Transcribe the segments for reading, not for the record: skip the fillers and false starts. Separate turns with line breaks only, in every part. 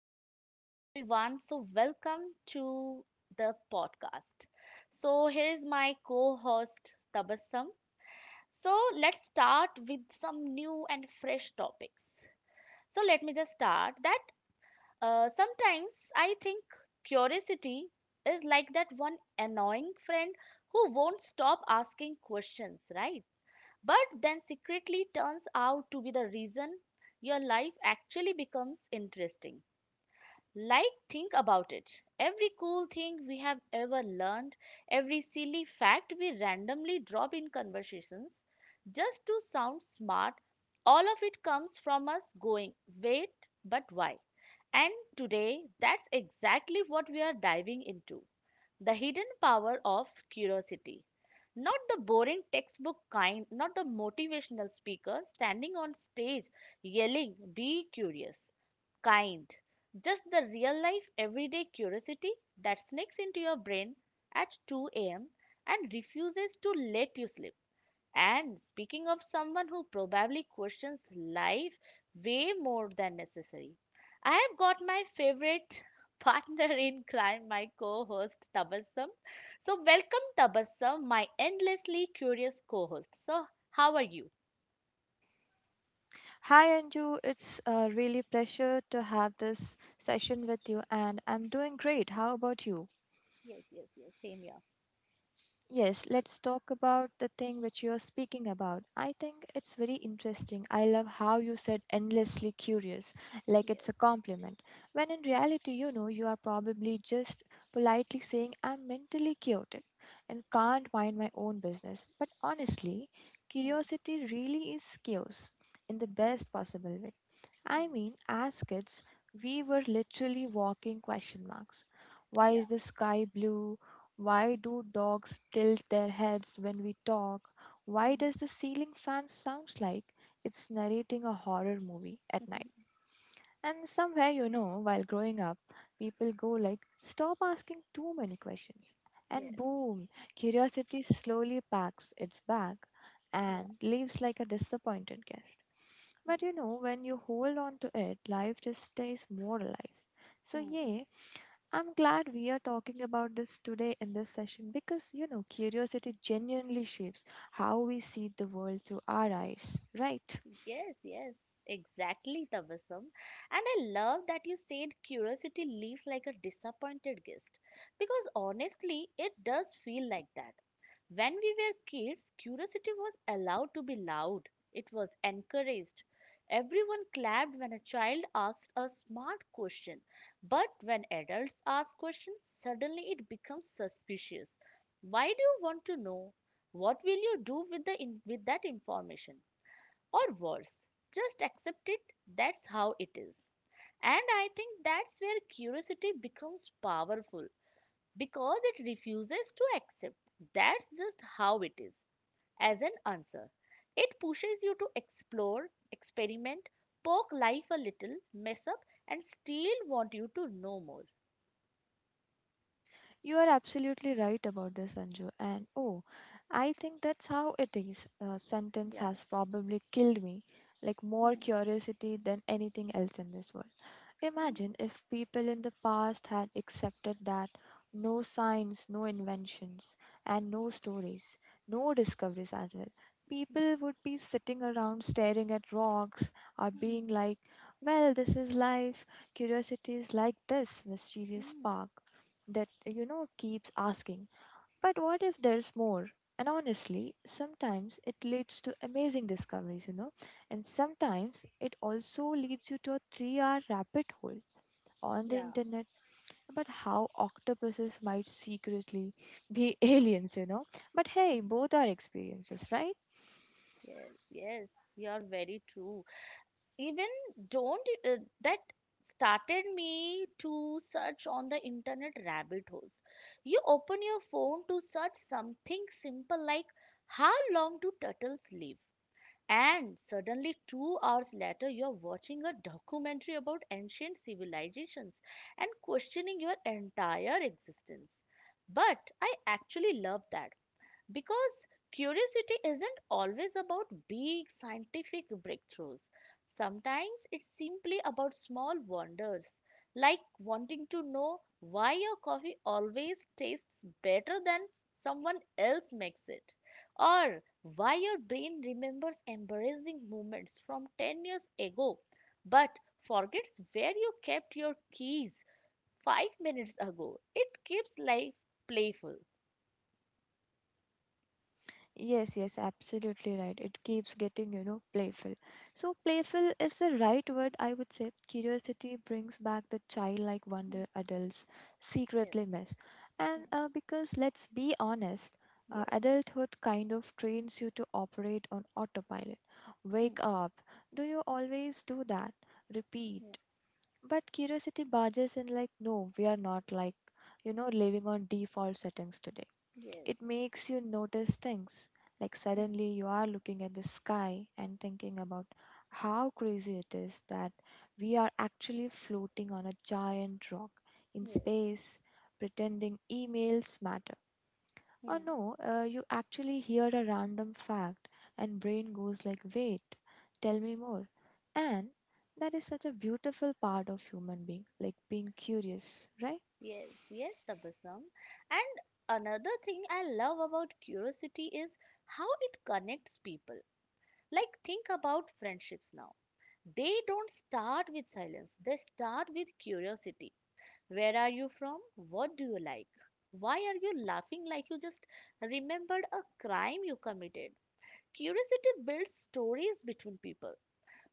Hello, everyone. So, welcome to the podcast. So, here is my co host, Tabassum. So, let's start with some new and fresh topics. So, let me just start that sometimes I think curiosity is like that one annoying friend who won't stop asking questions, right? But then secretly turns out to be the reason your life actually becomes interesting. Like, think about it. Every cool thing we have ever learned, every silly fact we randomly drop in conversations, just to sound smart, all of it comes from us going, wait, but why? And today, that's exactly what we are diving into. The hidden power of curiosity. Not the boring textbook kind, not the motivational speaker standing on stage yelling, be curious, kind. Just the real life, everyday curiosity that sneaks into your brain at 2 a.m. and refuses to let you sleep. And speaking of someone who probably questions life way more than necessary, I have got my favorite partner in crime, my co host Tabassum. So, welcome Tabassum, my endlessly curious co host. So, how are you?
Hi Anju, it's a really pleasure to have this session with you and I'm doing great. How about you?
Yes, yes, yes, same here.
Yes, let's talk about the thing which you're speaking about. I think it's very interesting. I love how you said endlessly curious, like it's
Yes,
a compliment. When in reality, you are probably just politely saying, I'm mentally chaotic and can't mind my own business. But honestly,
mm,
curiosity really is chaos in the
yeah,
best possible way. I
mm,
mean, as kids, we were literally walking question marks. Why
yeah,
is the sky blue? Why do dogs tilt their heads when we talk? Why
mm.
does the ceiling fan sounds like it's narrating a horror movie at night? And somewhere, while growing up, people go like, stop asking too many questions. And
Yes,
boom, curiosity slowly packs its bag
yeah.
and leaves like a disappointed guest. But
Mm.
you know, when you hold on to it, life just stays more alive. So,
Mm.
yeah, I'm glad we are talking about this today in this session because, curiosity genuinely shapes how we see the world through our eyes, right?
Yes, yes, exactly, Tabassum. And I love that you said curiosity leaves like a disappointed guest. Because honestly, it does feel like that. When we were kids, curiosity was allowed to be loud, it was encouraged. Everyone clapped when a child asked a smart question. But when adults ask questions, suddenly it becomes suspicious. Why do you want to know? What will you do with the with that information? Or worse, just accept it, that's how it is. And I think that's where curiosity becomes powerful, because it refuses to accept that's just how it is as an answer. It pushes you to explore, experiment, poke life a little, mess up, and still want you to know more.
You are absolutely right about this, Anju. And oh, I think that's how it is. Sentence
Yeah.
has probably killed me, like more
Mm,
curiosity than anything else in this world.
mm,
Imagine if people in the past had accepted that, no science, no inventions, and no stories, no discoveries as well. People would be sitting around staring at rocks or
mm,
being like, well, this is life. Curiosity is like this mischievous
mm.
spark that, keeps asking, but what if there's more? And honestly, sometimes it leads to amazing discoveries, and sometimes it also leads you to a 3-hour rabbit hole on the
Yeah.
internet about how octopuses might secretly be aliens. But hey,
Mm.
both are experiences, right?
Yes, yes, you're very true. Even don't that started me to search on the internet rabbit holes. You open your phone to search something simple like how long do turtles live, and suddenly 2 hours later you're watching a documentary about ancient civilizations and questioning your entire existence. But I actually love that, because curiosity isn't always about big scientific breakthroughs. Sometimes it's simply about small wonders, like wanting to know why your coffee always tastes better than someone else makes it, or why your brain remembers embarrassing moments from 10 years ago but forgets where you kept your keys 5 minutes ago. It keeps life playful.
Yes, yes, absolutely right. It keeps getting, playful. So, playful is the right word, I would say. Curiosity brings back the childlike
Mm,
wonder adults
yes.
secretly miss.
Mm,
And because, let's be honest,
yes.
adulthood kind of trains you to operate on autopilot.
Hmm.
Wake up. Do you always do that? Repeat.
Yeah.
But curiosity barges in like, no, we are not like, living on default settings today. It
Yes.
makes you notice things. Like
Hmm.
suddenly you are looking at the sky and thinking about how crazy it is that we are actually floating on a giant rock in
Yes.
space, pretending emails matter. Or
Hmm.
no, you actually hear a random fact and brain goes like, "Wait, tell me more." And that is such a beautiful part of human being, like being curious, right?
Yes. Yes, Tabassum. And another thing I love about curiosity is how it connects people. Like, think about friendships now. They don't start with silence, they start with curiosity. Where are you from? What do you like? Why are you laughing like you just remembered a crime you committed? Curiosity builds stories between people.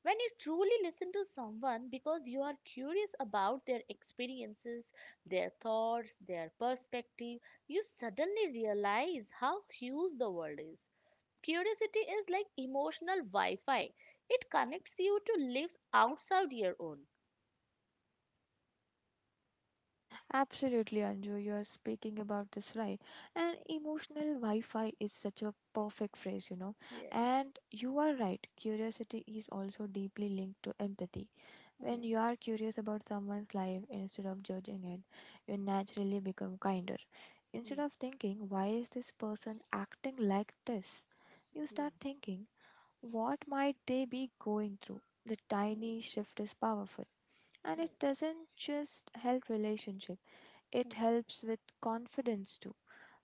When you truly listen to someone because you are curious about their experiences, their thoughts, their perspective, you suddenly realize how huge the world is. Curiosity is like emotional Wi Fi, it connects you to lives outside your own.
Absolutely, Anju, you're speaking about this right. And emotional Wi-Fi is such a perfect phrase.
Yes.
And you are right, curiosity is also deeply linked to empathy.
Hmm,
When you are curious about someone's life instead of judging it, you naturally become kinder. Instead
hmm,
of thinking, why is this person acting like this? You
hmm,
start thinking, what might they be going through? The
hmm,
tiny shift is powerful. And it
yes.
doesn't just help relationship,
Hmm,
it helps with confidence too.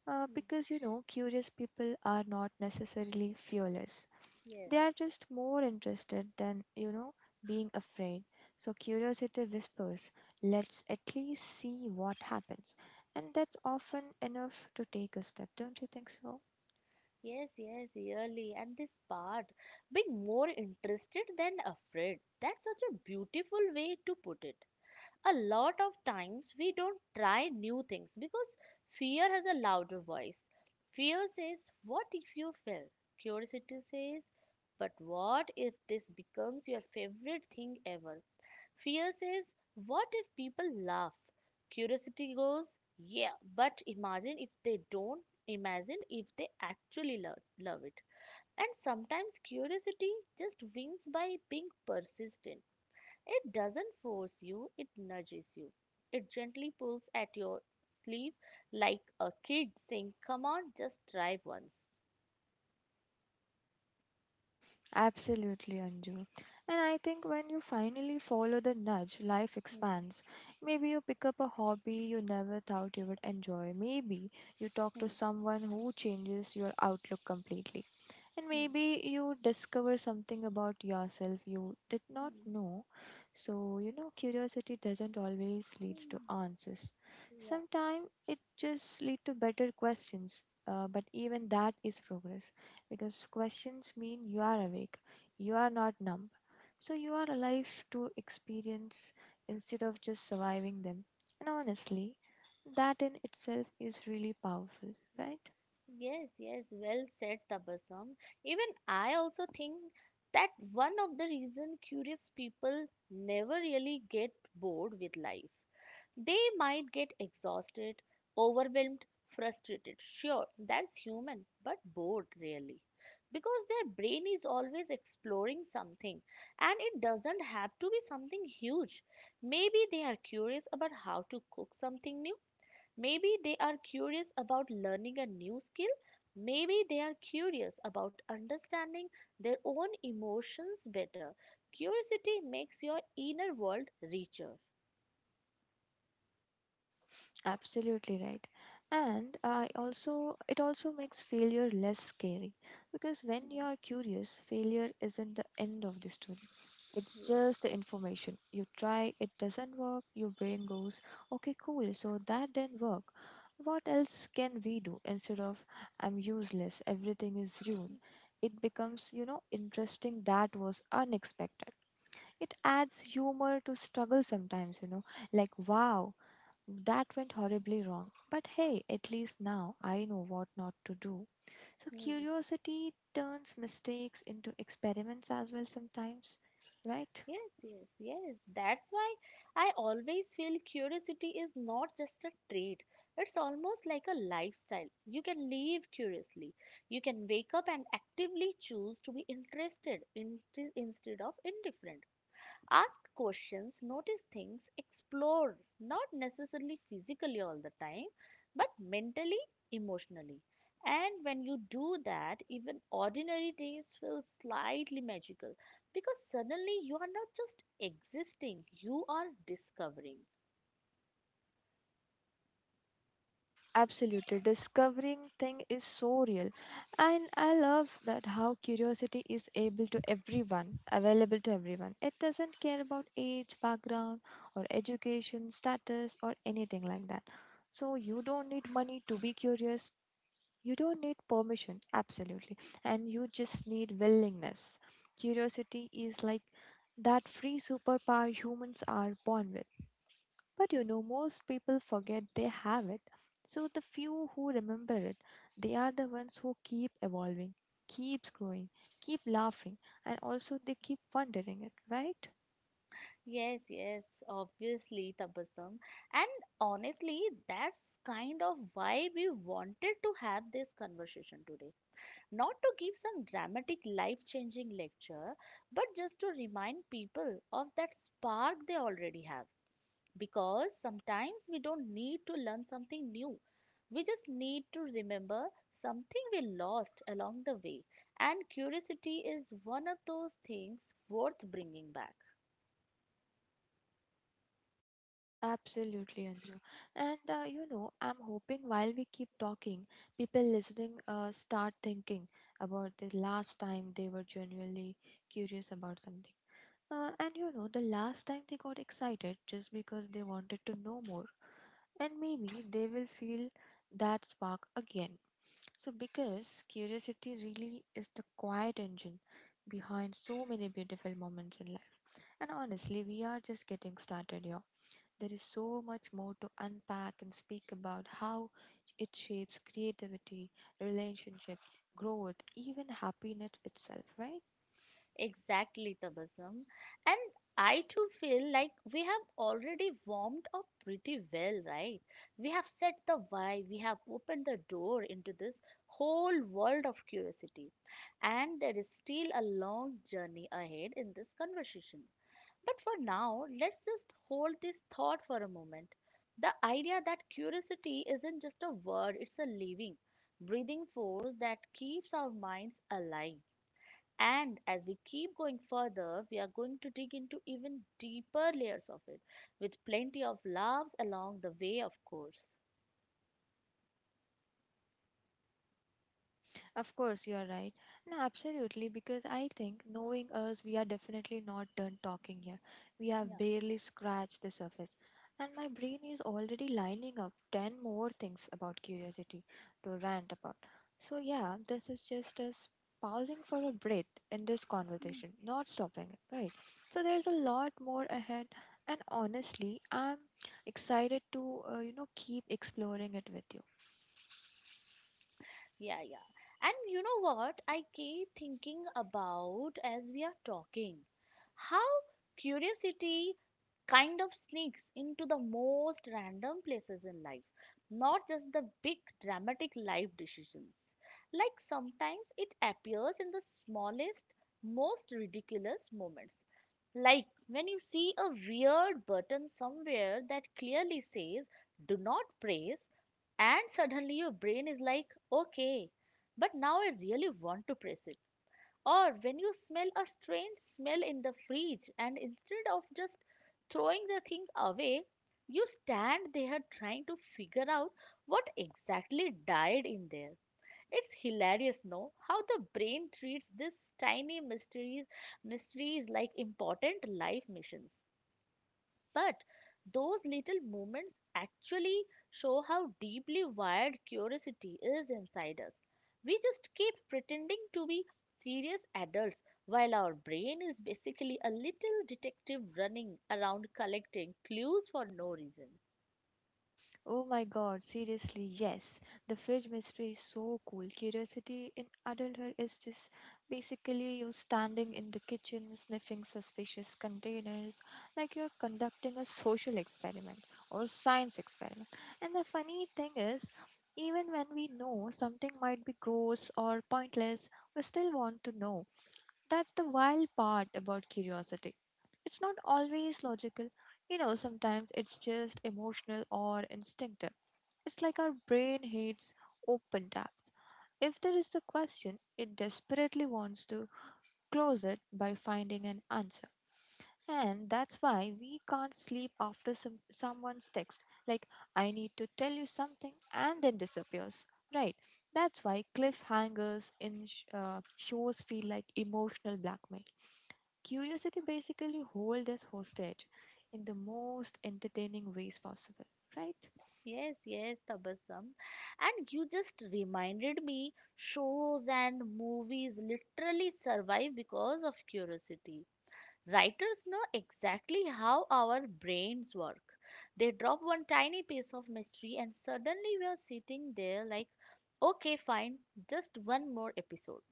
hmm,
Because curious people are not necessarily fearless.
yes.
They are just more interested than, being afraid. So curiosity whispers, let's at least see what happens. And that's often enough to take a step, don't you think so?
Yes, yes, really. And this part, being more interested than afraid. That's such a beautiful way to put it. A lot of times we don't try new things because fear has a louder voice. Fear says, what if you fail? Curiosity says, but what if this becomes your favorite thing ever? Fear says, what if people laugh? Curiosity goes, yeah, but imagine if they don't. Imagine if they actually love, love it. And sometimes curiosity just wins by being persistent. It doesn't force you, it nudges you. It gently pulls at your sleeve like a kid saying, come on, just try once.
Absolutely, Anju. And I think when you finally follow the nudge, life
Hmm,
expands. Maybe you pick up a hobby you never thought you would enjoy. Maybe you talk to
hmm,
someone who changes your outlook completely. And
hmm,
maybe you discover something about yourself you did not
hmm,
know. So, curiosity doesn't always lead to
hmm.
answers.
Yeah.
Sometimes it just leads to better questions. But even that is progress because questions mean you are awake, you are not numb. So you are alive to experience instead of just surviving them. And honestly, that in itself is really powerful, right?
Yes, yes, well said, Tabassum. Even I also think that one of the reason curious people never really get bored with life. They might get exhausted, overwhelmed, frustrated. Sure, that's human, but bored really. Because their brain is always exploring something, and it doesn't have to be something huge. Maybe they are curious about how to cook something new. Maybe they are curious about learning a new skill. Maybe they are curious about understanding their own emotions better. Curiosity makes your inner world richer.
Absolutely right. And I also it also makes failure less scary because when you
Hmm,
are curious, failure isn't the end of the story. It's
yes.
just the information. You try, it doesn't work, your brain goes, okay, cool, so that didn't work. What else can we do instead of I'm useless, everything is ruined? It becomes, interesting that was unexpected. It adds humor to struggle sometimes, like wow, that went horribly wrong. But hey, at least now I know what not to do. So
Hmm.
curiosity turns mistakes into experiments as well sometimes, right?
Yes, yes, yes. That's why I always feel curiosity is not just a trait. It's almost like a lifestyle. You can live curiously. You can wake up and actively choose to be interested in, instead of indifferent. Ask questions, notice things, explore, not necessarily physically all the time, but mentally, emotionally. And when you do that, even ordinary days feel slightly magical because suddenly you are not just existing, you are discovering.
Absolutely. Discovering thing is so real. And I love that how curiosity is able to everyone, available to everyone. It doesn't care about age, background, or education, status, or anything like that. So you don't need money to be curious. You don't need permission, absolutely. And you just need willingness. Curiosity is like that free superpower humans are born with. But most people forget they have it. So the few who remember it, they are the ones who keep evolving, keeps growing, keep laughing, and also they keep wondering it, right?
Yes, yes, obviously, Tabasam. And honestly, that's kind of why we wanted to have this conversation today, not to give some dramatic life changing lecture, but just to remind people of that spark they already have. Because sometimes we don't need to learn something new, we just need to remember something we lost along the way. And curiosity is one of those things worth bringing back.
Absolutely, Anju. And I'm hoping while we keep talking, people listening start thinking about the last time they were genuinely curious about something. And the last time they got excited just because they wanted to know more. And maybe they will feel that spark again. So, because curiosity really is the quiet engine behind so many beautiful moments in life. And honestly, we are just getting started here. There is so much more to unpack and speak about how it shapes creativity, relationship, growth, even happiness itself, right?
Exactly, Tabasum. And I too feel like we have already warmed up pretty well, right? We have set the why, we have opened the door into this whole world of curiosity. And there is still a long journey ahead in this conversation. But for now, let's just hold this thought for a moment. The idea that curiosity isn't just a word, it's a living, breathing force that keeps our minds alive. And as we keep going further, we are going to dig into even deeper layers of it, with plenty of laughs along the way, of course.
Of course, you are right. No, absolutely, because I think knowing us, we are definitely not done talking here. We
Yeah.
have barely scratched the surface. And my brain is already lining up 10 more things about curiosity to rant about. So, yeah, this is just us pausing for a breath in this
Hmm.
conversation, not stopping it, right? So, there's a lot more ahead. And honestly, I'm excited to, keep exploring it with you.
Yeah, yeah. And you know what I keep thinking about as we are talking? How curiosity kind of sneaks into the most random places in life, not just the big dramatic life decisions. Like sometimes it appears in the smallest, most ridiculous moments. Like when you see a weird button somewhere that clearly says do not press, and suddenly your brain is like, okay, but now I really want to press it. Or when you smell a strange smell in the fridge, and instead of just throwing the thing away, you stand there trying to figure out what exactly died in there. It's hilarious, no? How the brain treats these tiny mysteries, mysteries like important life missions. But those little moments actually show how deeply wired curiosity is inside us. We just keep pretending to be serious adults while our brain is basically a little detective running around collecting clues for no reason.
Oh my god, seriously, yes. The fridge mystery is so cool. Curiosity in adulthood is just basically you standing in the kitchen sniffing suspicious containers like you're conducting a social experiment or science experiment. And the funny thing is, even when we know something might be gross or pointless, we still want to know. That's the wild part about curiosity. It's not always logical. You know, sometimes it's just emotional or instinctive. It's like our brain hates open tabs. If there is a question, it desperately wants to close it by finding an answer. And that's why we can't sleep after someone's text, like, I need to tell you something, and then disappears. Right. That's why cliffhangers in shows feel like emotional blackmail. Curiosity basically holds us hostage in the most entertaining ways possible, right?
Yes, yes, Tabassum. And you just reminded me shows and movies literally survive because of curiosity. Writers know exactly how our brains work. They drop one tiny piece of mystery, and suddenly we are sitting there like, okay, fine, just one more episode.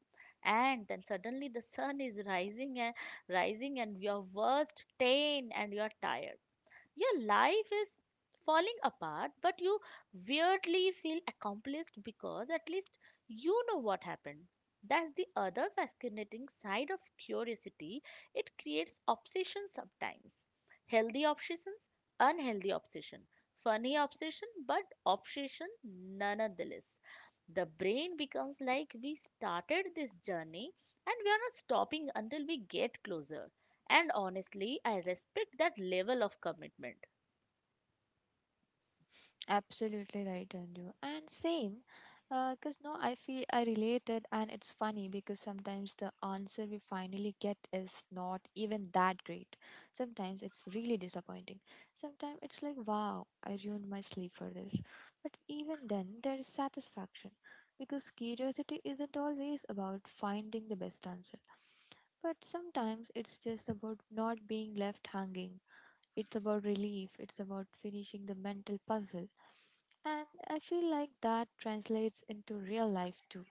And then suddenly the sun is rising and rising, and are worst 10 and you are tired. Your life is falling apart, but you weirdly feel accomplished because at least you know what happened. That's the other fascinating side of curiosity. It creates obsession sometimes. Healthy obsessions, unhealthy obsession, funny obsession, but obsession nonetheless. The brain becomes like we started this journey and we are not stopping until we get closer. And honestly, I respect that level of commitment.
Absolutely right, Anju. And same, because now I feel I related, and it's funny because sometimes the answer we finally get is not even that great. Sometimes it's really disappointing. Sometimes it's like, wow, I ruined my sleep for this. But even then, there is satisfaction because curiosity isn't always about finding the best answer. But sometimes it's just about not being left hanging. It's about relief, it's about finishing the mental puzzle. And I feel like that translates into real life too.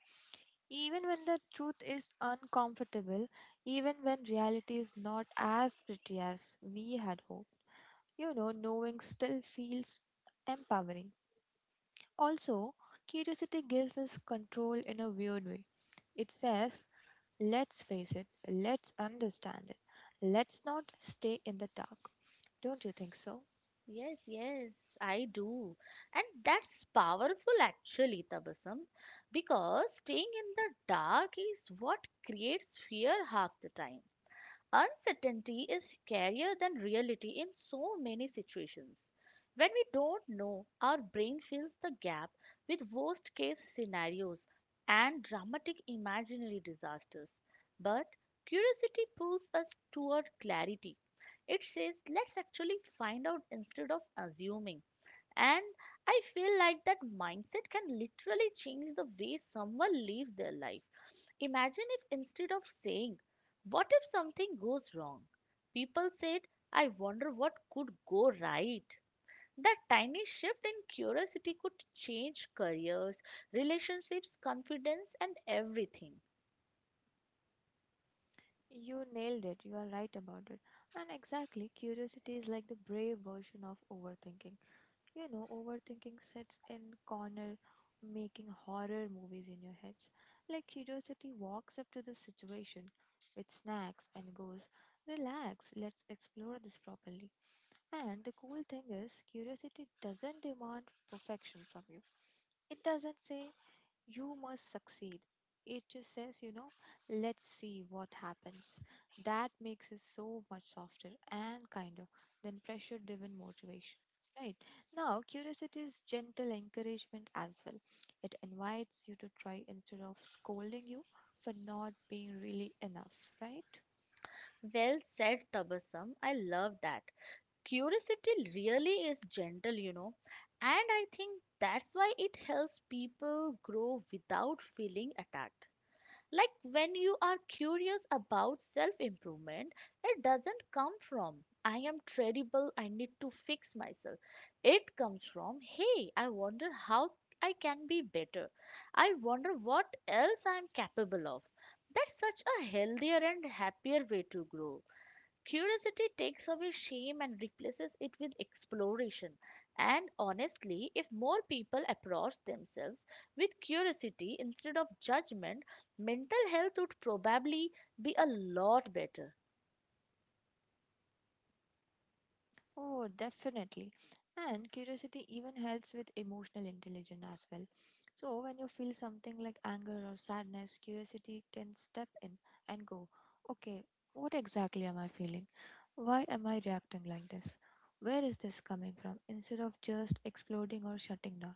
Even when the truth is uncomfortable, even when reality is not as pretty as we had hoped, knowing still feels empowering. Also, curiosity gives us control in a weird way. It says, let's face it, let's understand it, let's not stay in the dark. Don't you think so?
Yes, yes, I do. And that's powerful actually, Tabasam, because staying in the dark is what creates fear half the time. Uncertainty is scarier than reality in so many situations. When we don't know, our brain fills the gap with worst case scenarios and dramatic imaginary disasters. But curiosity pulls us toward clarity. It says, let's actually find out instead of assuming. And I feel like that mindset can literally change the way someone lives their life. Imagine if instead of saying, what if something goes wrong? People said, I wonder what could go right. That tiny shift in curiosity could change careers, relationships, confidence, and everything.
You nailed it, you are right about it. And exactly, curiosity is like the brave version of overthinking. You know, overthinking sits in corner making horror movies in your heads. Like curiosity walks up to the situation with snacks and goes, relax, let's explore this properly. And the cool thing is, curiosity doesn't demand perfection from you. It doesn't say you must succeed. It just says, let's see what happens. That makes it so much softer and kinder than pressure driven motivation. Right now, curiosity is gentle encouragement as well. It invites you to try instead of scolding you for not being really enough, right?
Well said, Tabasam. I love that. Curiosity really is gentle, you know, and I think that's why it helps people grow without feeling attacked. Like when you are curious about self improvement, it doesn't come from, I am terrible, I need to fix myself. It comes from, hey, I wonder how I can be better. I wonder what else I am capable of. That's such a healthier and happier way to grow. Curiosity takes away shame and replaces it with exploration. And honestly, if more people approach themselves with curiosity instead of judgment, mental health would probably be a lot better.
Oh, definitely. And curiosity even helps with emotional intelligence as well. So, when you feel something like anger or sadness, curiosity can step in and go, okay, what exactly am I feeling? Why am I reacting like this? Where is this coming from? Instead of just exploding or shutting down.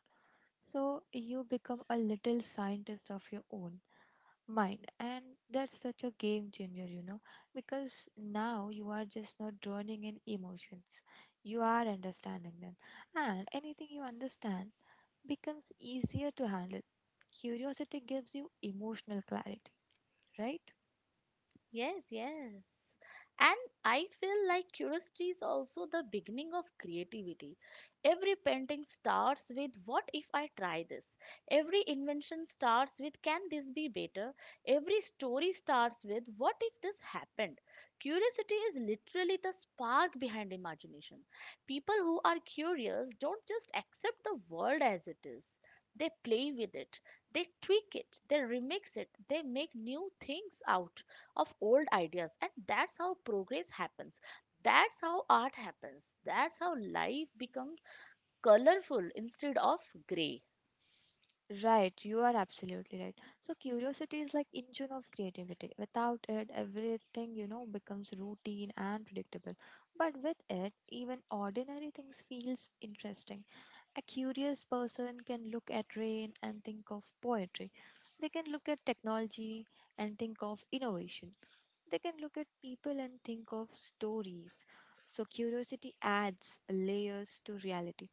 So, you become a little scientist of your own mind, and that's such a game changer, because now you are just not drowning in emotions, you are understanding them, and anything you understand becomes easier to handle. Curiosity gives you emotional clarity, right?
Yes, yes. And I feel like curiosity is also the beginning of creativity. Every painting starts with what if I try this? Every invention starts with can this be better? Every story starts with what if this happened? Curiosity is literally the spark behind imagination. People who are curious don't just accept the world as it is. They play with it, they tweak it, they remix it, they make new things out of old ideas, and that's how progress happens, that's how art happens, that's how life becomes colorful instead of gray.
Right, you are absolutely right. So curiosity is like engine of creativity. Without it, everything you know becomes routine and predictable. But with it, even ordinary things feels interesting. A curious person can look at rain and think of poetry. They can look at technology and think of innovation. They can look at people and think of stories. So curiosity adds layers to reality.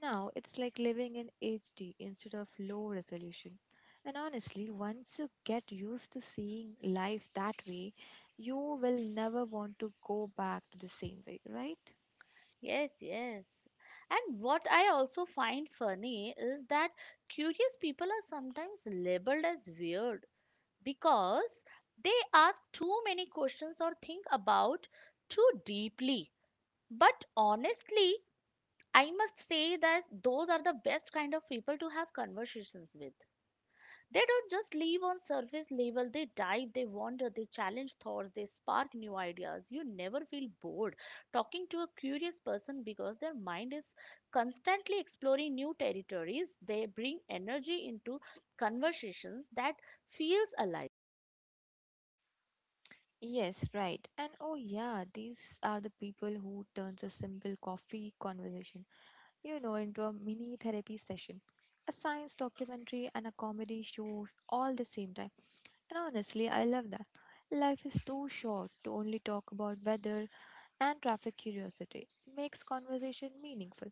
Now it's like living in HD instead of low resolution. And honestly, once you get used to seeing life that way, you will never want to go back to the same way, right?
Yes, yes. And what I also find funny is that curious people are sometimes labeled as weird because they ask too many questions or think about too deeply. But honestly, I must say that those are the best kind of people to have conversations with. They don't just live on surface level, they dive, they wander, they challenge thoughts, they spark new ideas. You never feel bored talking to a curious person because their mind is constantly exploring new territories. They bring energy into conversations that feels alive.
Yes, right. And oh yeah, these are the people who turns a simple coffee conversation, into a mini therapy session, a science documentary and a comedy show all the same time. And honestly, I love that. Life is too short to only talk about weather and traffic curiosity. It makes conversation meaningful.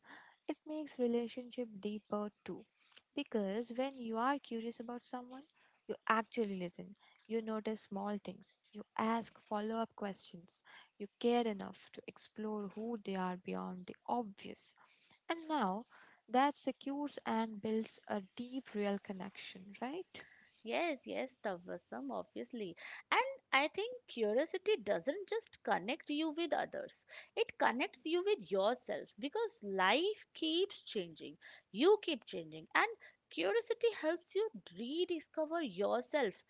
It makes relationship deeper too. Because when you are curious about someone, you actually listen. You notice small things. You ask follow up questions. You care enough to explore who they are beyond the obvious. And now that secures and builds a deep, real connection, right?
Yes, yes, Tavasam, obviously. And I think curiosity doesn't just connect you with others, it connects you with yourself because life keeps changing. You keep changing, and curiosity helps you rediscover yourself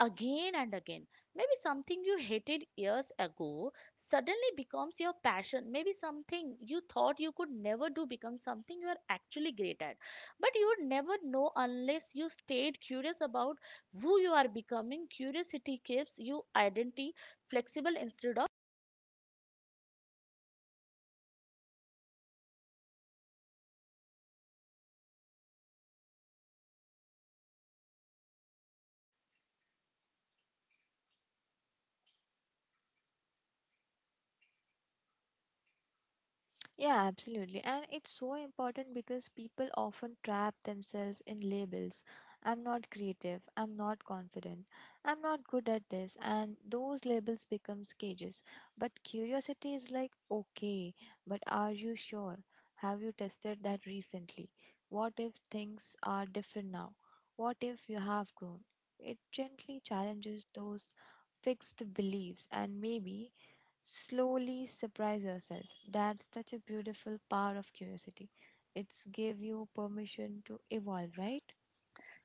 again and again. Maybe something you hated years ago suddenly becomes your passion. Maybe something you thought you could never do becomes something you are actually great at. But you would never know unless you stayed curious about who you are becoming. Curiosity keeps you identity flexible instead of.
Yeah, absolutely. And it's so important because people often trap themselves in labels. I'm not creative, I'm not confident, I'm not good at this, and those labels become cages. But curiosity is like, okay, but are you sure? Have you tested that recently? What if things are different now? What if you have grown? It gently challenges those fixed beliefs and maybe slowly surprise yourself. That's such a beautiful part of curiosity. It's give you permission to evolve, right?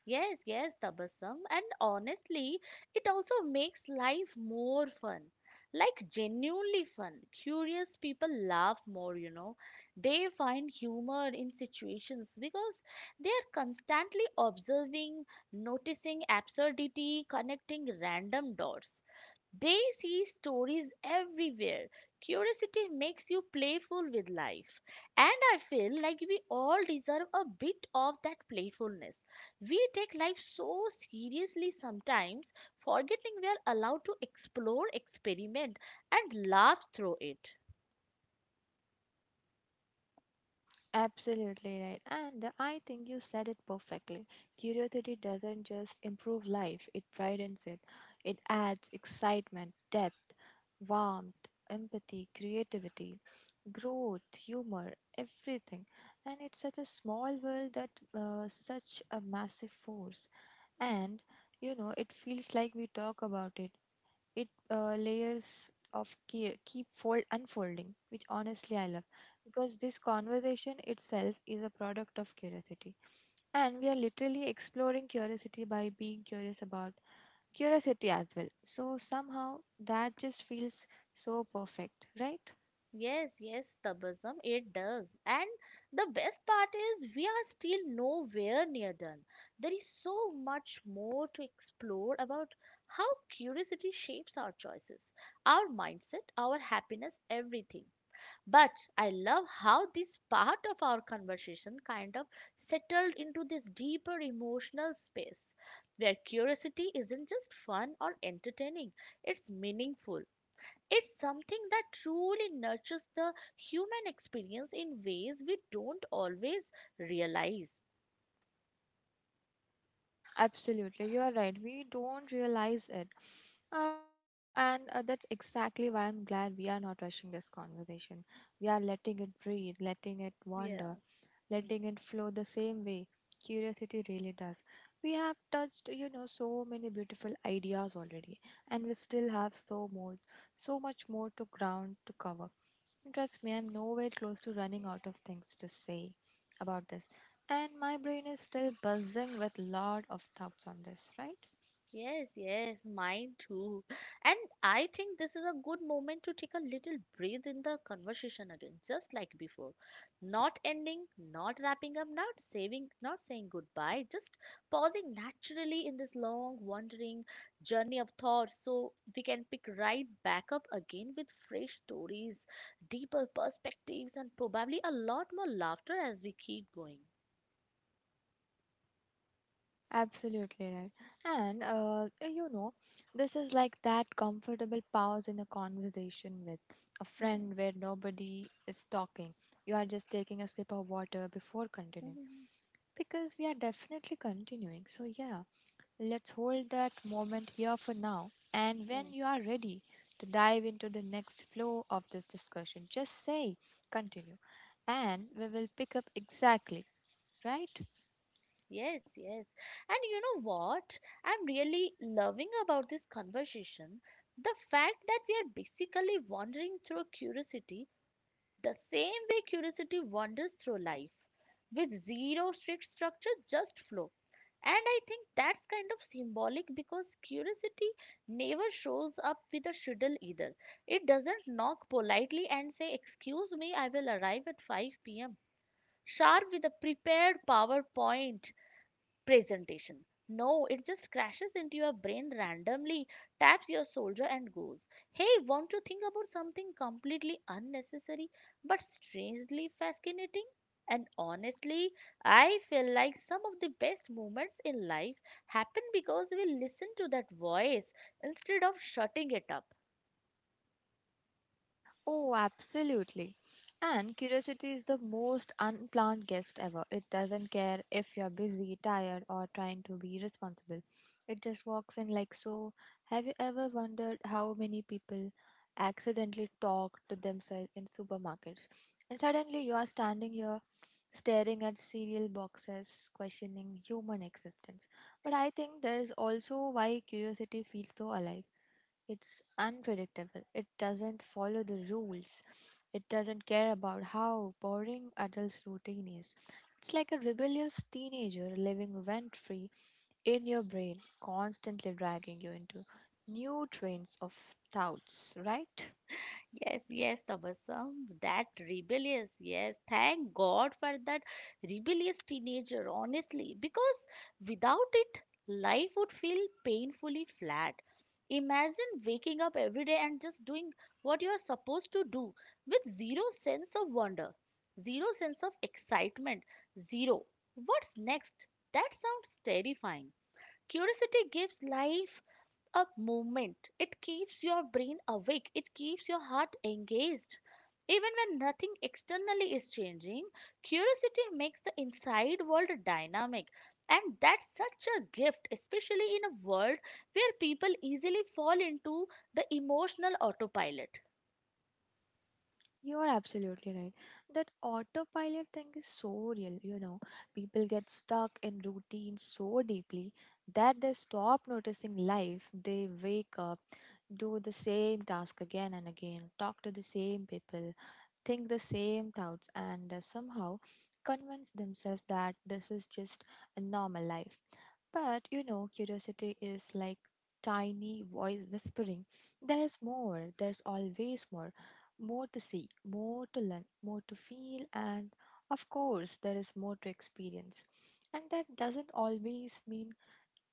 Yes, yes, Tabassum. And honestly, it also makes life more fun. Like genuinely fun. Curious people laugh more, They find humor in situations because they are constantly observing, noticing absurdity, connecting random dots. They see stories everywhere. Curiosity makes you playful with life. And I feel like we all deserve a bit of that playfulness. We take life so seriously sometimes, forgetting we are allowed to explore, experiment, and laugh through it.
Absolutely right. And I think you said it perfectly. Curiosity doesn't just improve life, it brightens it. It adds excitement, depth, warmth, empathy, creativity, growth, humor, everything. And it's such a small world that such a massive force. And you know, it feels like we talk about it, it layers of keep fold unfolding, which honestly I love, because this conversation itself is a product of curiosity, and we are literally exploring curiosity by being curious about curiosity as well, so somehow that just feels so perfect, right?
Yes, yes, Tabasum, it does. And the best part is we are still nowhere near done. There is so much more to explore about how curiosity shapes our choices, our mindset, our happiness, everything. But I love how this part of our conversation kind of settled into this deeper emotional space where curiosity isn't just fun or entertaining, it's meaningful. It's something that truly nurtures the human experience in ways we don't always realize.
Absolutely, you are right. We don't realize it. But you know, and that's exactly why I'm glad we are not rushing this conversation. We are letting it breathe, letting it
Yeah.
wander, letting it flow the same way. Curiosity really does. We have touched, you know, so many beautiful ideas already, and we still have so much more to ground to cover. Trust me, I'm nowhere close to running out of things to say about this. And my brain is still buzzing with lot of thoughts on this, right?
Yes, yes, mine too. And I think this is a good moment to take a little breath in the conversation again, just like before. Not ending, not wrapping up, not saving, not saying goodbye, just pausing naturally in this long, wandering journey of thought so we can pick right back up again with fresh stories, deeper perspectives, and probably a lot more laughter as we keep going.
Absolutely right. And you know, this is like that comfortable pause in a conversation with a
Hmm.
friend where nobody is talking. You are just taking a sip of water before continuing, because we are definitely continuing. So, yeah, let's hold that moment here for now. And when you are ready to dive into the next flow of this discussion, just say continue and we will pick up exactly, right?
Yes, yes. And you know what? I'm really loving about this conversation the fact that we are basically wandering through curiosity the same way curiosity wanders through life, with zero strict structure, just flow. And I think that's kind of symbolic because curiosity never shows up with a schedule either. It doesn't knock politely and say, "Excuse me, I will arrive at 5 pm. Sharp with a prepared PowerPoint presentation." No, it just crashes into your brain randomly, taps your shoulder, and goes, "Hey, want to think about something completely unnecessary but strangely fascinating?" And honestly, I feel like some of the best moments in life happen because we listen to that voice instead of shutting it up.
Oh, absolutely. And curiosity is the most unplanned guest ever. It doesn't care if you're busy, tired, or trying to be responsible. It just walks in like so. Have you ever wondered how many people accidentally talk to themselves in supermarkets? And suddenly you are standing here staring at cereal boxes, questioning human existence. But I think there is also why curiosity feels so alive. It's unpredictable. It doesn't follow the rules. It doesn't care about how boring adults' routine is. It's like a rebellious teenager living rent free in your brain, constantly dragging you into new trains of thoughts, right?
Yes, yes, Tabassum, that rebellious, yes. Thank God for that rebellious teenager, honestly, because without it, life would feel painfully flat. Imagine waking up every day and just doing what you are supposed to do with zero sense of wonder, zero sense of excitement, zero. What's next? That sounds terrifying. Curiosity gives life a movement. It keeps your brain awake, it keeps your heart engaged. Even when nothing externally is changing, curiosity makes the inside world dynamic. And that's such a gift, especially in a world where people easily fall into the emotional autopilot.
You are absolutely right. That autopilot thing is so real, you know. People get stuck in routine so deeply that they stop noticing life. They wake up, do the same task again and again, talk to the same people, think the same thoughts, and somehow convince themselves that this is just a normal life. But you know, curiosity is like tiny voice whispering there is more, there's always more to see, more to learn, more to feel, and of course, there is more to experience. And that doesn't always mean,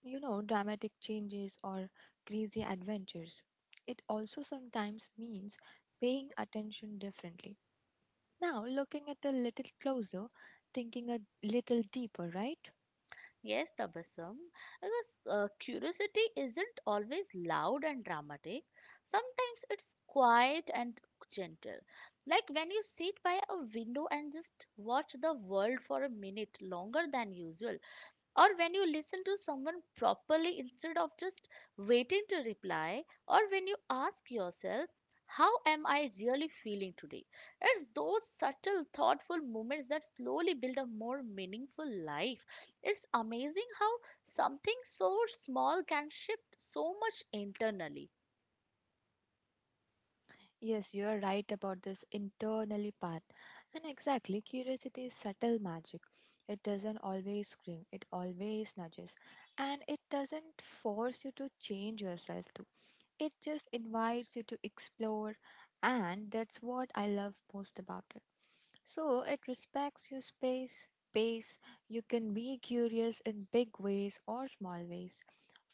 you know, dramatic changes or crazy adventures. It also sometimes means paying attention differently. Now, looking at a little closer, thinking a little deeper, right?
Yes, Tabassum, because curiosity isn't always loud and dramatic. Sometimes it's quiet and gentle. Like when you sit by a window and just watch the world for a minute longer than usual, or when you listen to someone properly instead of just waiting to reply, or when you ask yourself, "How am I really feeling today?" It's those subtle, thoughtful moments that slowly build a more meaningful life. It's amazing how something so small can shift so much internally.
Yes, you are right about this internally part. And exactly, curiosity is subtle magic. It doesn't always scream, it always nudges. And it doesn't force you to change yourself too. It just invites you to explore, and that's what I love most about it. So it respects your space, pace. You can be curious in big ways or small ways,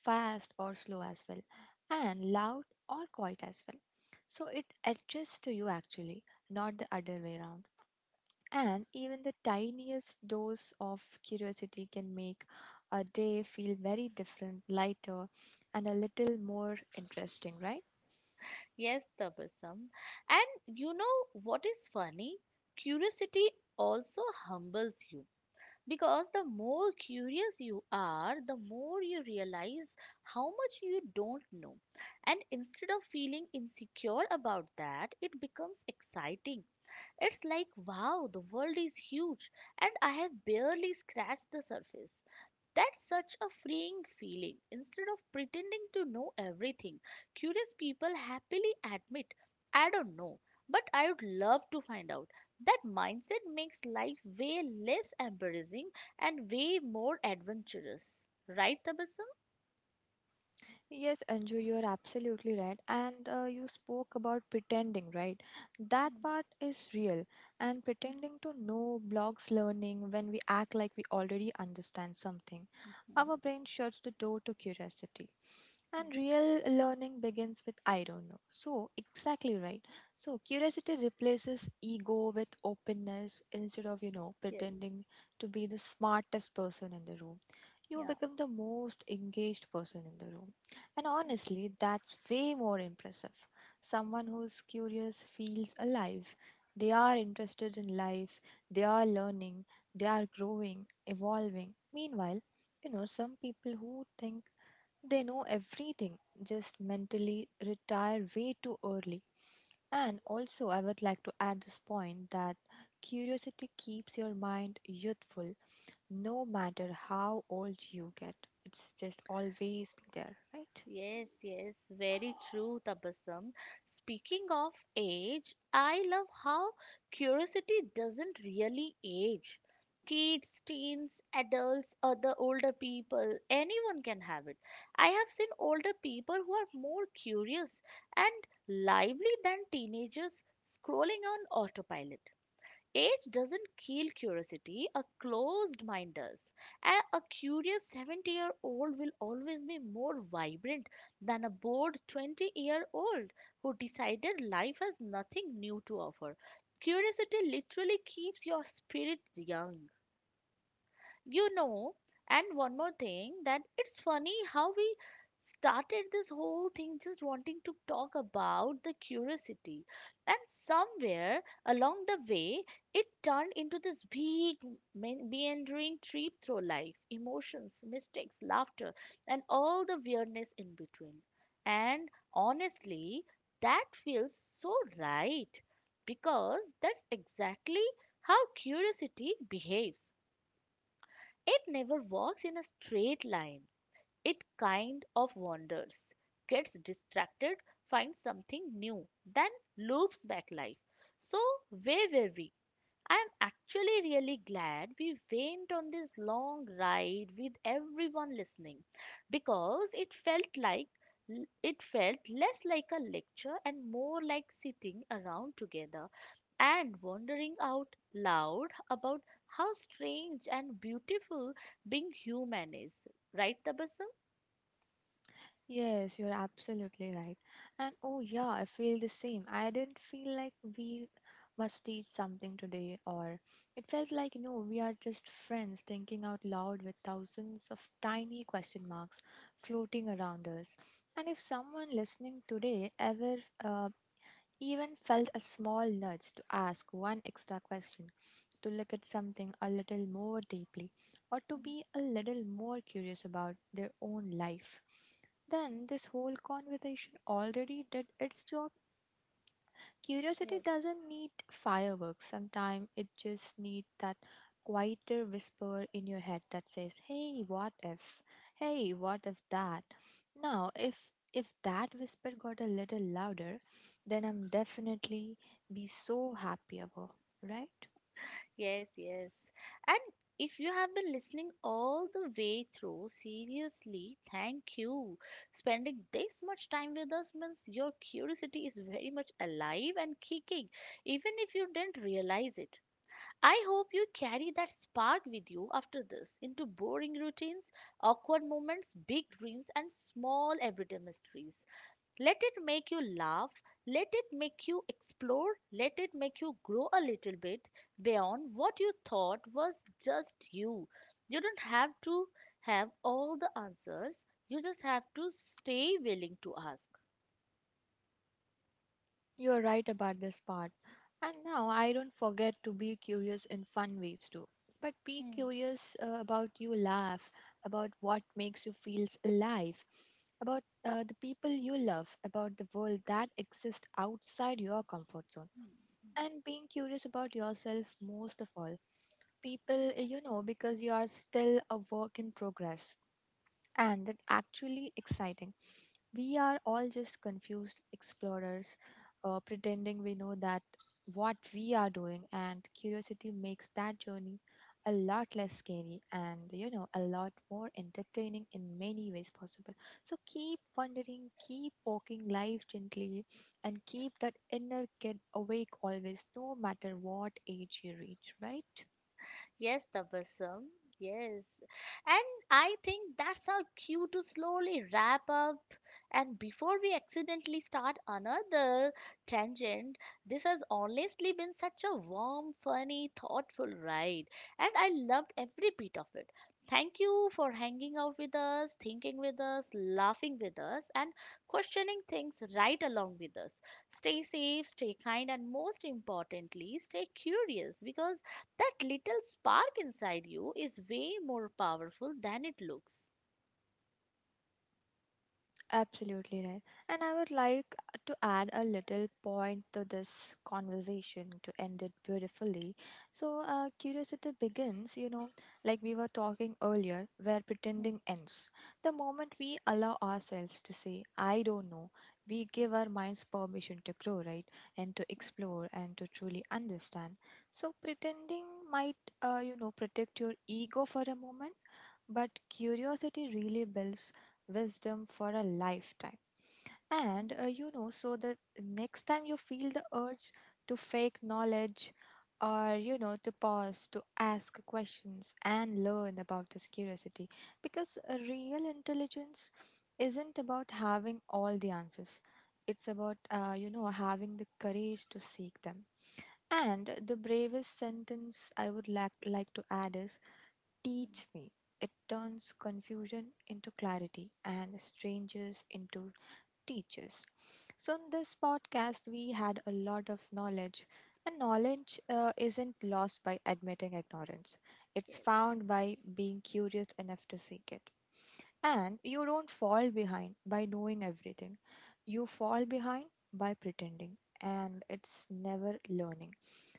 fast or slow as well, and loud or quiet as well. So it adjusts to you actually, not the other way around. And even the tiniest dose of curiosity can make a day feel very different, lighter, and a little more interesting, right?
Yes, Tabasam. And you know what is funny? Curiosity also humbles you. Because the more curious you are, the more you realize how much you don't know. And instead of feeling insecure about that, it becomes exciting. It's like, wow, the world is huge, and I have barely scratched the surface. That's such a freeing feeling. Instead of pretending to know everything, curious people happily admit, "I don't know, but I would love to find out." That mindset makes life way less embarrassing and way more adventurous. Right, Tabasum?
Yes, Anju, you are absolutely right. And you spoke about pretending, right? That part is real. And pretending to know blocks learning. When we act like we already understand something, our brain shuts the door to curiosity. And real learning begins with I don't know. So, exactly right. So, curiosity replaces ego with openness instead of, you know,
Yes.
pretending to be the smartest person in the room. You
Yeah.
become the most engaged person in the room, and honestly, that's way more impressive. Someone who's curious feels alive. They are interested in life, they are learning, they are growing, evolving. Meanwhile, you know, some people who think they know everything just mentally retire way too early. And also, I would like to add this point that curiosity keeps your mind youthful no matter how old you get. It's just always be there, right?
Yes, yes, very true, Tabassum. Speaking of age, I love how curiosity doesn't really age. Kids, teens, adults, other older people, anyone can have it. I have seen older people who are more curious and lively than teenagers scrolling on autopilot. Age doesn't kill curiosity, a closed mind does. A curious 70-year-old will always be more vibrant than a bored 20-year-old who decided life has nothing new to offer. Curiosity literally keeps your spirit young. You know, and one more thing, that it's funny how we started this whole thing just wanting to talk about the curiosity. And somewhere along the way, it turned into this big, meandering trip through life emotions, mistakes, laughter, and all the weirdness in between. And honestly, that feels so right because that's exactly how curiosity behaves. It never walks in a straight line. It kind of wanders, gets distracted, finds something new, then loops back life. So, where were we? I'm actually really glad we went on this long ride with everyone listening because it felt like it felt less like a lecture and more like sitting around together and wondering out loud about how strange and beautiful being human is. Right, Tabassum?
Yes, you're absolutely right. And oh, yeah, I feel the same. I didn't feel like we must teach something today, or it felt like, you know, we are just friends thinking out loud with thousands of tiny question marks floating around us. And if someone listening today ever uh, even felt a small nudge to ask one extra question, to look at something a little more deeply, or to be a little more curious about their own life. Then this whole conversation already did its job. Curiosity
Yes.
doesn't need fireworks. Sometimes it just needs that quieter whisper in your head that says, "Hey, what if? Hey, what if that?" Now, if that whisper got a little louder, then I'm definitely be so happy about, right?
Yes, yes. And if you have been listening all the way through, seriously, thank you. Spending this much time with us means your curiosity is very much alive and kicking, even if you didn't realize it. I hope you carry that spark with you after this into boring routines, awkward moments, big dreams, and small everyday mysteries. Let it make you laugh. Let it make you explore. Let it make you grow a little bit beyond what you thought was just you. You don't have to have all the answers. You just have to stay willing to ask.
You are right about this part. And now I don't forget to be curious in fun ways too. But be
Hmm,
curious about you laugh, about what makes you feel alive, about the people you love, about the world that exists outside your comfort zone.
hmm, hmm.
And being curious about yourself most of all. People, you know, because you are still a work in progress and that actually exciting. We are all just confused explorers, pretending we know that what we are doing, and curiosity makes that journey a lot less scary, and you know, a lot more entertaining in many ways possible. So keep wondering, keep poking life gently, and keep that inner kid awake always, no matter what age you reach, right?
Yes, Tabassum. Yes. And I think that's our cue to slowly wrap up. And before we accidentally start another tangent, this has honestly been such a warm, funny, thoughtful ride. And I loved every bit of it. Thank you for hanging out with us, thinking with us, laughing with us, and questioning things right along with us. Stay safe, stay kind, and most importantly, stay curious because that little spark inside you is way more powerful than it looks.
Absolutely right. And I would like to add a little point to this conversation to end it beautifully. So, curiosity begins, you know, like we were talking earlier, where
Hmm,
pretending ends. The moment we allow ourselves to say, I don't know, we give
hmm,
our minds permission to grow, right? And to
hmm,
explore and to truly understand. So, pretending might, you know, protect your ego for a moment, but curiosity really builds wisdom for a lifetime. And
hmm,
uh, you know, so the next time you feel the urge to fake knowledge, or you know, to pause, to ask questions and learn about this curiosity, because real intelligence isn't about having all the answers, it's about you know, having the courage to seek them. And the bravest sentence I would lack like to add is:
hmm.
Teach me. It turns confusion into clarity and strangers into teachers. So, in this podcast, we had a lot of knowledge, and knowledge isn't lost by admitting ignorance, it's
Yes.
found by being curious enough to seek it. And you don't fall behind by knowing everything, you fall behind by pretending, and it's never learning.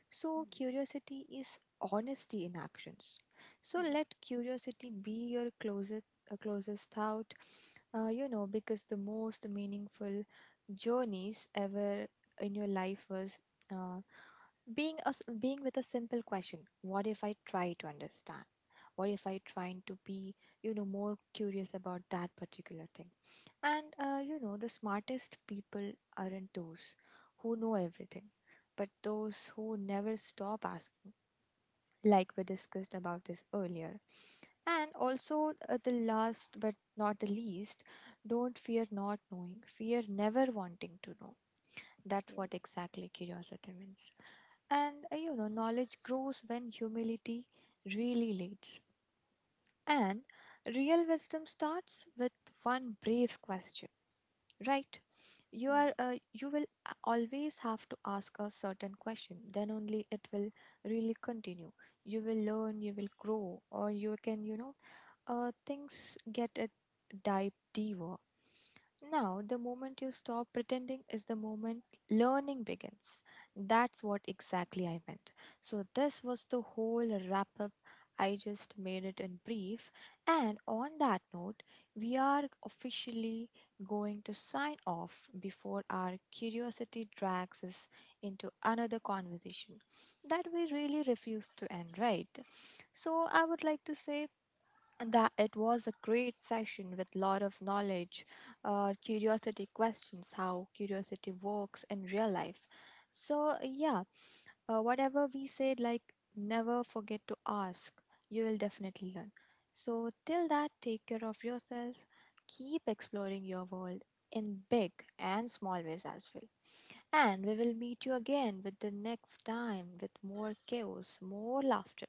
So,
Hmm,
curiosity is honesty in actions. So,
hmm.
let curiosity be your closest thought, you know, because the most meaningful journeys ever in your life was uh, being with a simple question: What if I try to understand? What
Yes.
if I try to be, you know, more curious about that particular thing? And you know, the smartest people aren't those who know everything, but those who never stop asking, like we discussed about this earlier. And also, the last but not the least, don't fear not knowing, fear never wanting to know. That's
Yes,
what exactly curiosity means. And you know, knowledge grows when humility really leads. And real wisdom starts with one brave question, right? You
hmm.
are uh, you will a- always have to ask a certain question. Then only it will really continue. You will learn, you will grow, or you can, you know, things get a dive deeper. Now, the moment you stop pretending is the moment learning begins. That's what exactly I meant. So, this was the whole wrap up I just made it in brief. And on that note, we are officially going to sign off before our curiosity drags us into another conversation that we really refuse to end, right? So I would like to say that it was a great session with lot of knowledge, curiosity questions, how curiosity works in real life. So yeah, whatever we said, like never forget to ask. You will definitely learn. So, till that, take care of yourself. Keep exploring your world in big and small ways as well. And we will meet you again with the next time with more chaos, more laughter,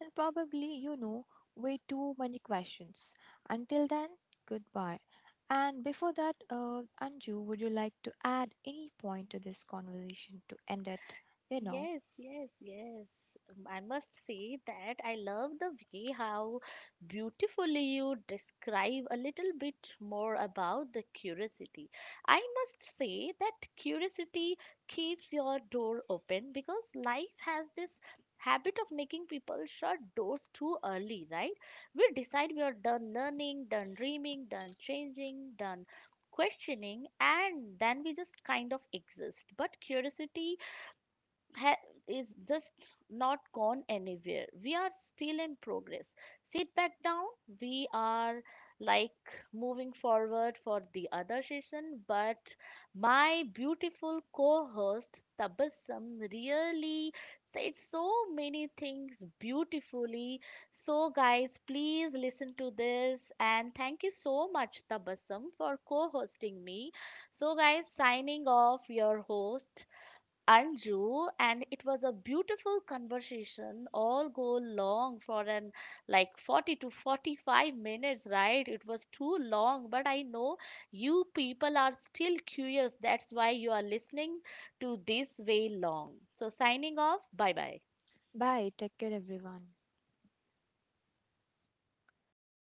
and probably, you know, way too many questions. Until then, goodbye. And before that, Anju, would you like to add any point to this conversation to end it? You know.
Yes, yes, yes. I must say that I love the way how beautifully you describe a little bit more about the curiosity. I must say that curiosity keeps your door open because life has this habit of making people shut doors too early, right? We decide we are done learning, done dreaming, done changing, done questioning, and then we just kind of exist. But curiosity ha- is just not gone anywhere. We are still in progress. Sit back down. We are like moving forward for the other session, but my beautiful co-host Tabassum really said so many things beautifully. So guys, please listen to this, and thank you so much Tabassum for co-hosting me. So guys, signing off your host Anju, and it was a beautiful conversation. All go long for an like 40 to 45 minutes, right? It was too long, but I know you people are still curious. That's why you are listening to this way long. So, signing off. Bye bye.
Bye. Take care, everyone.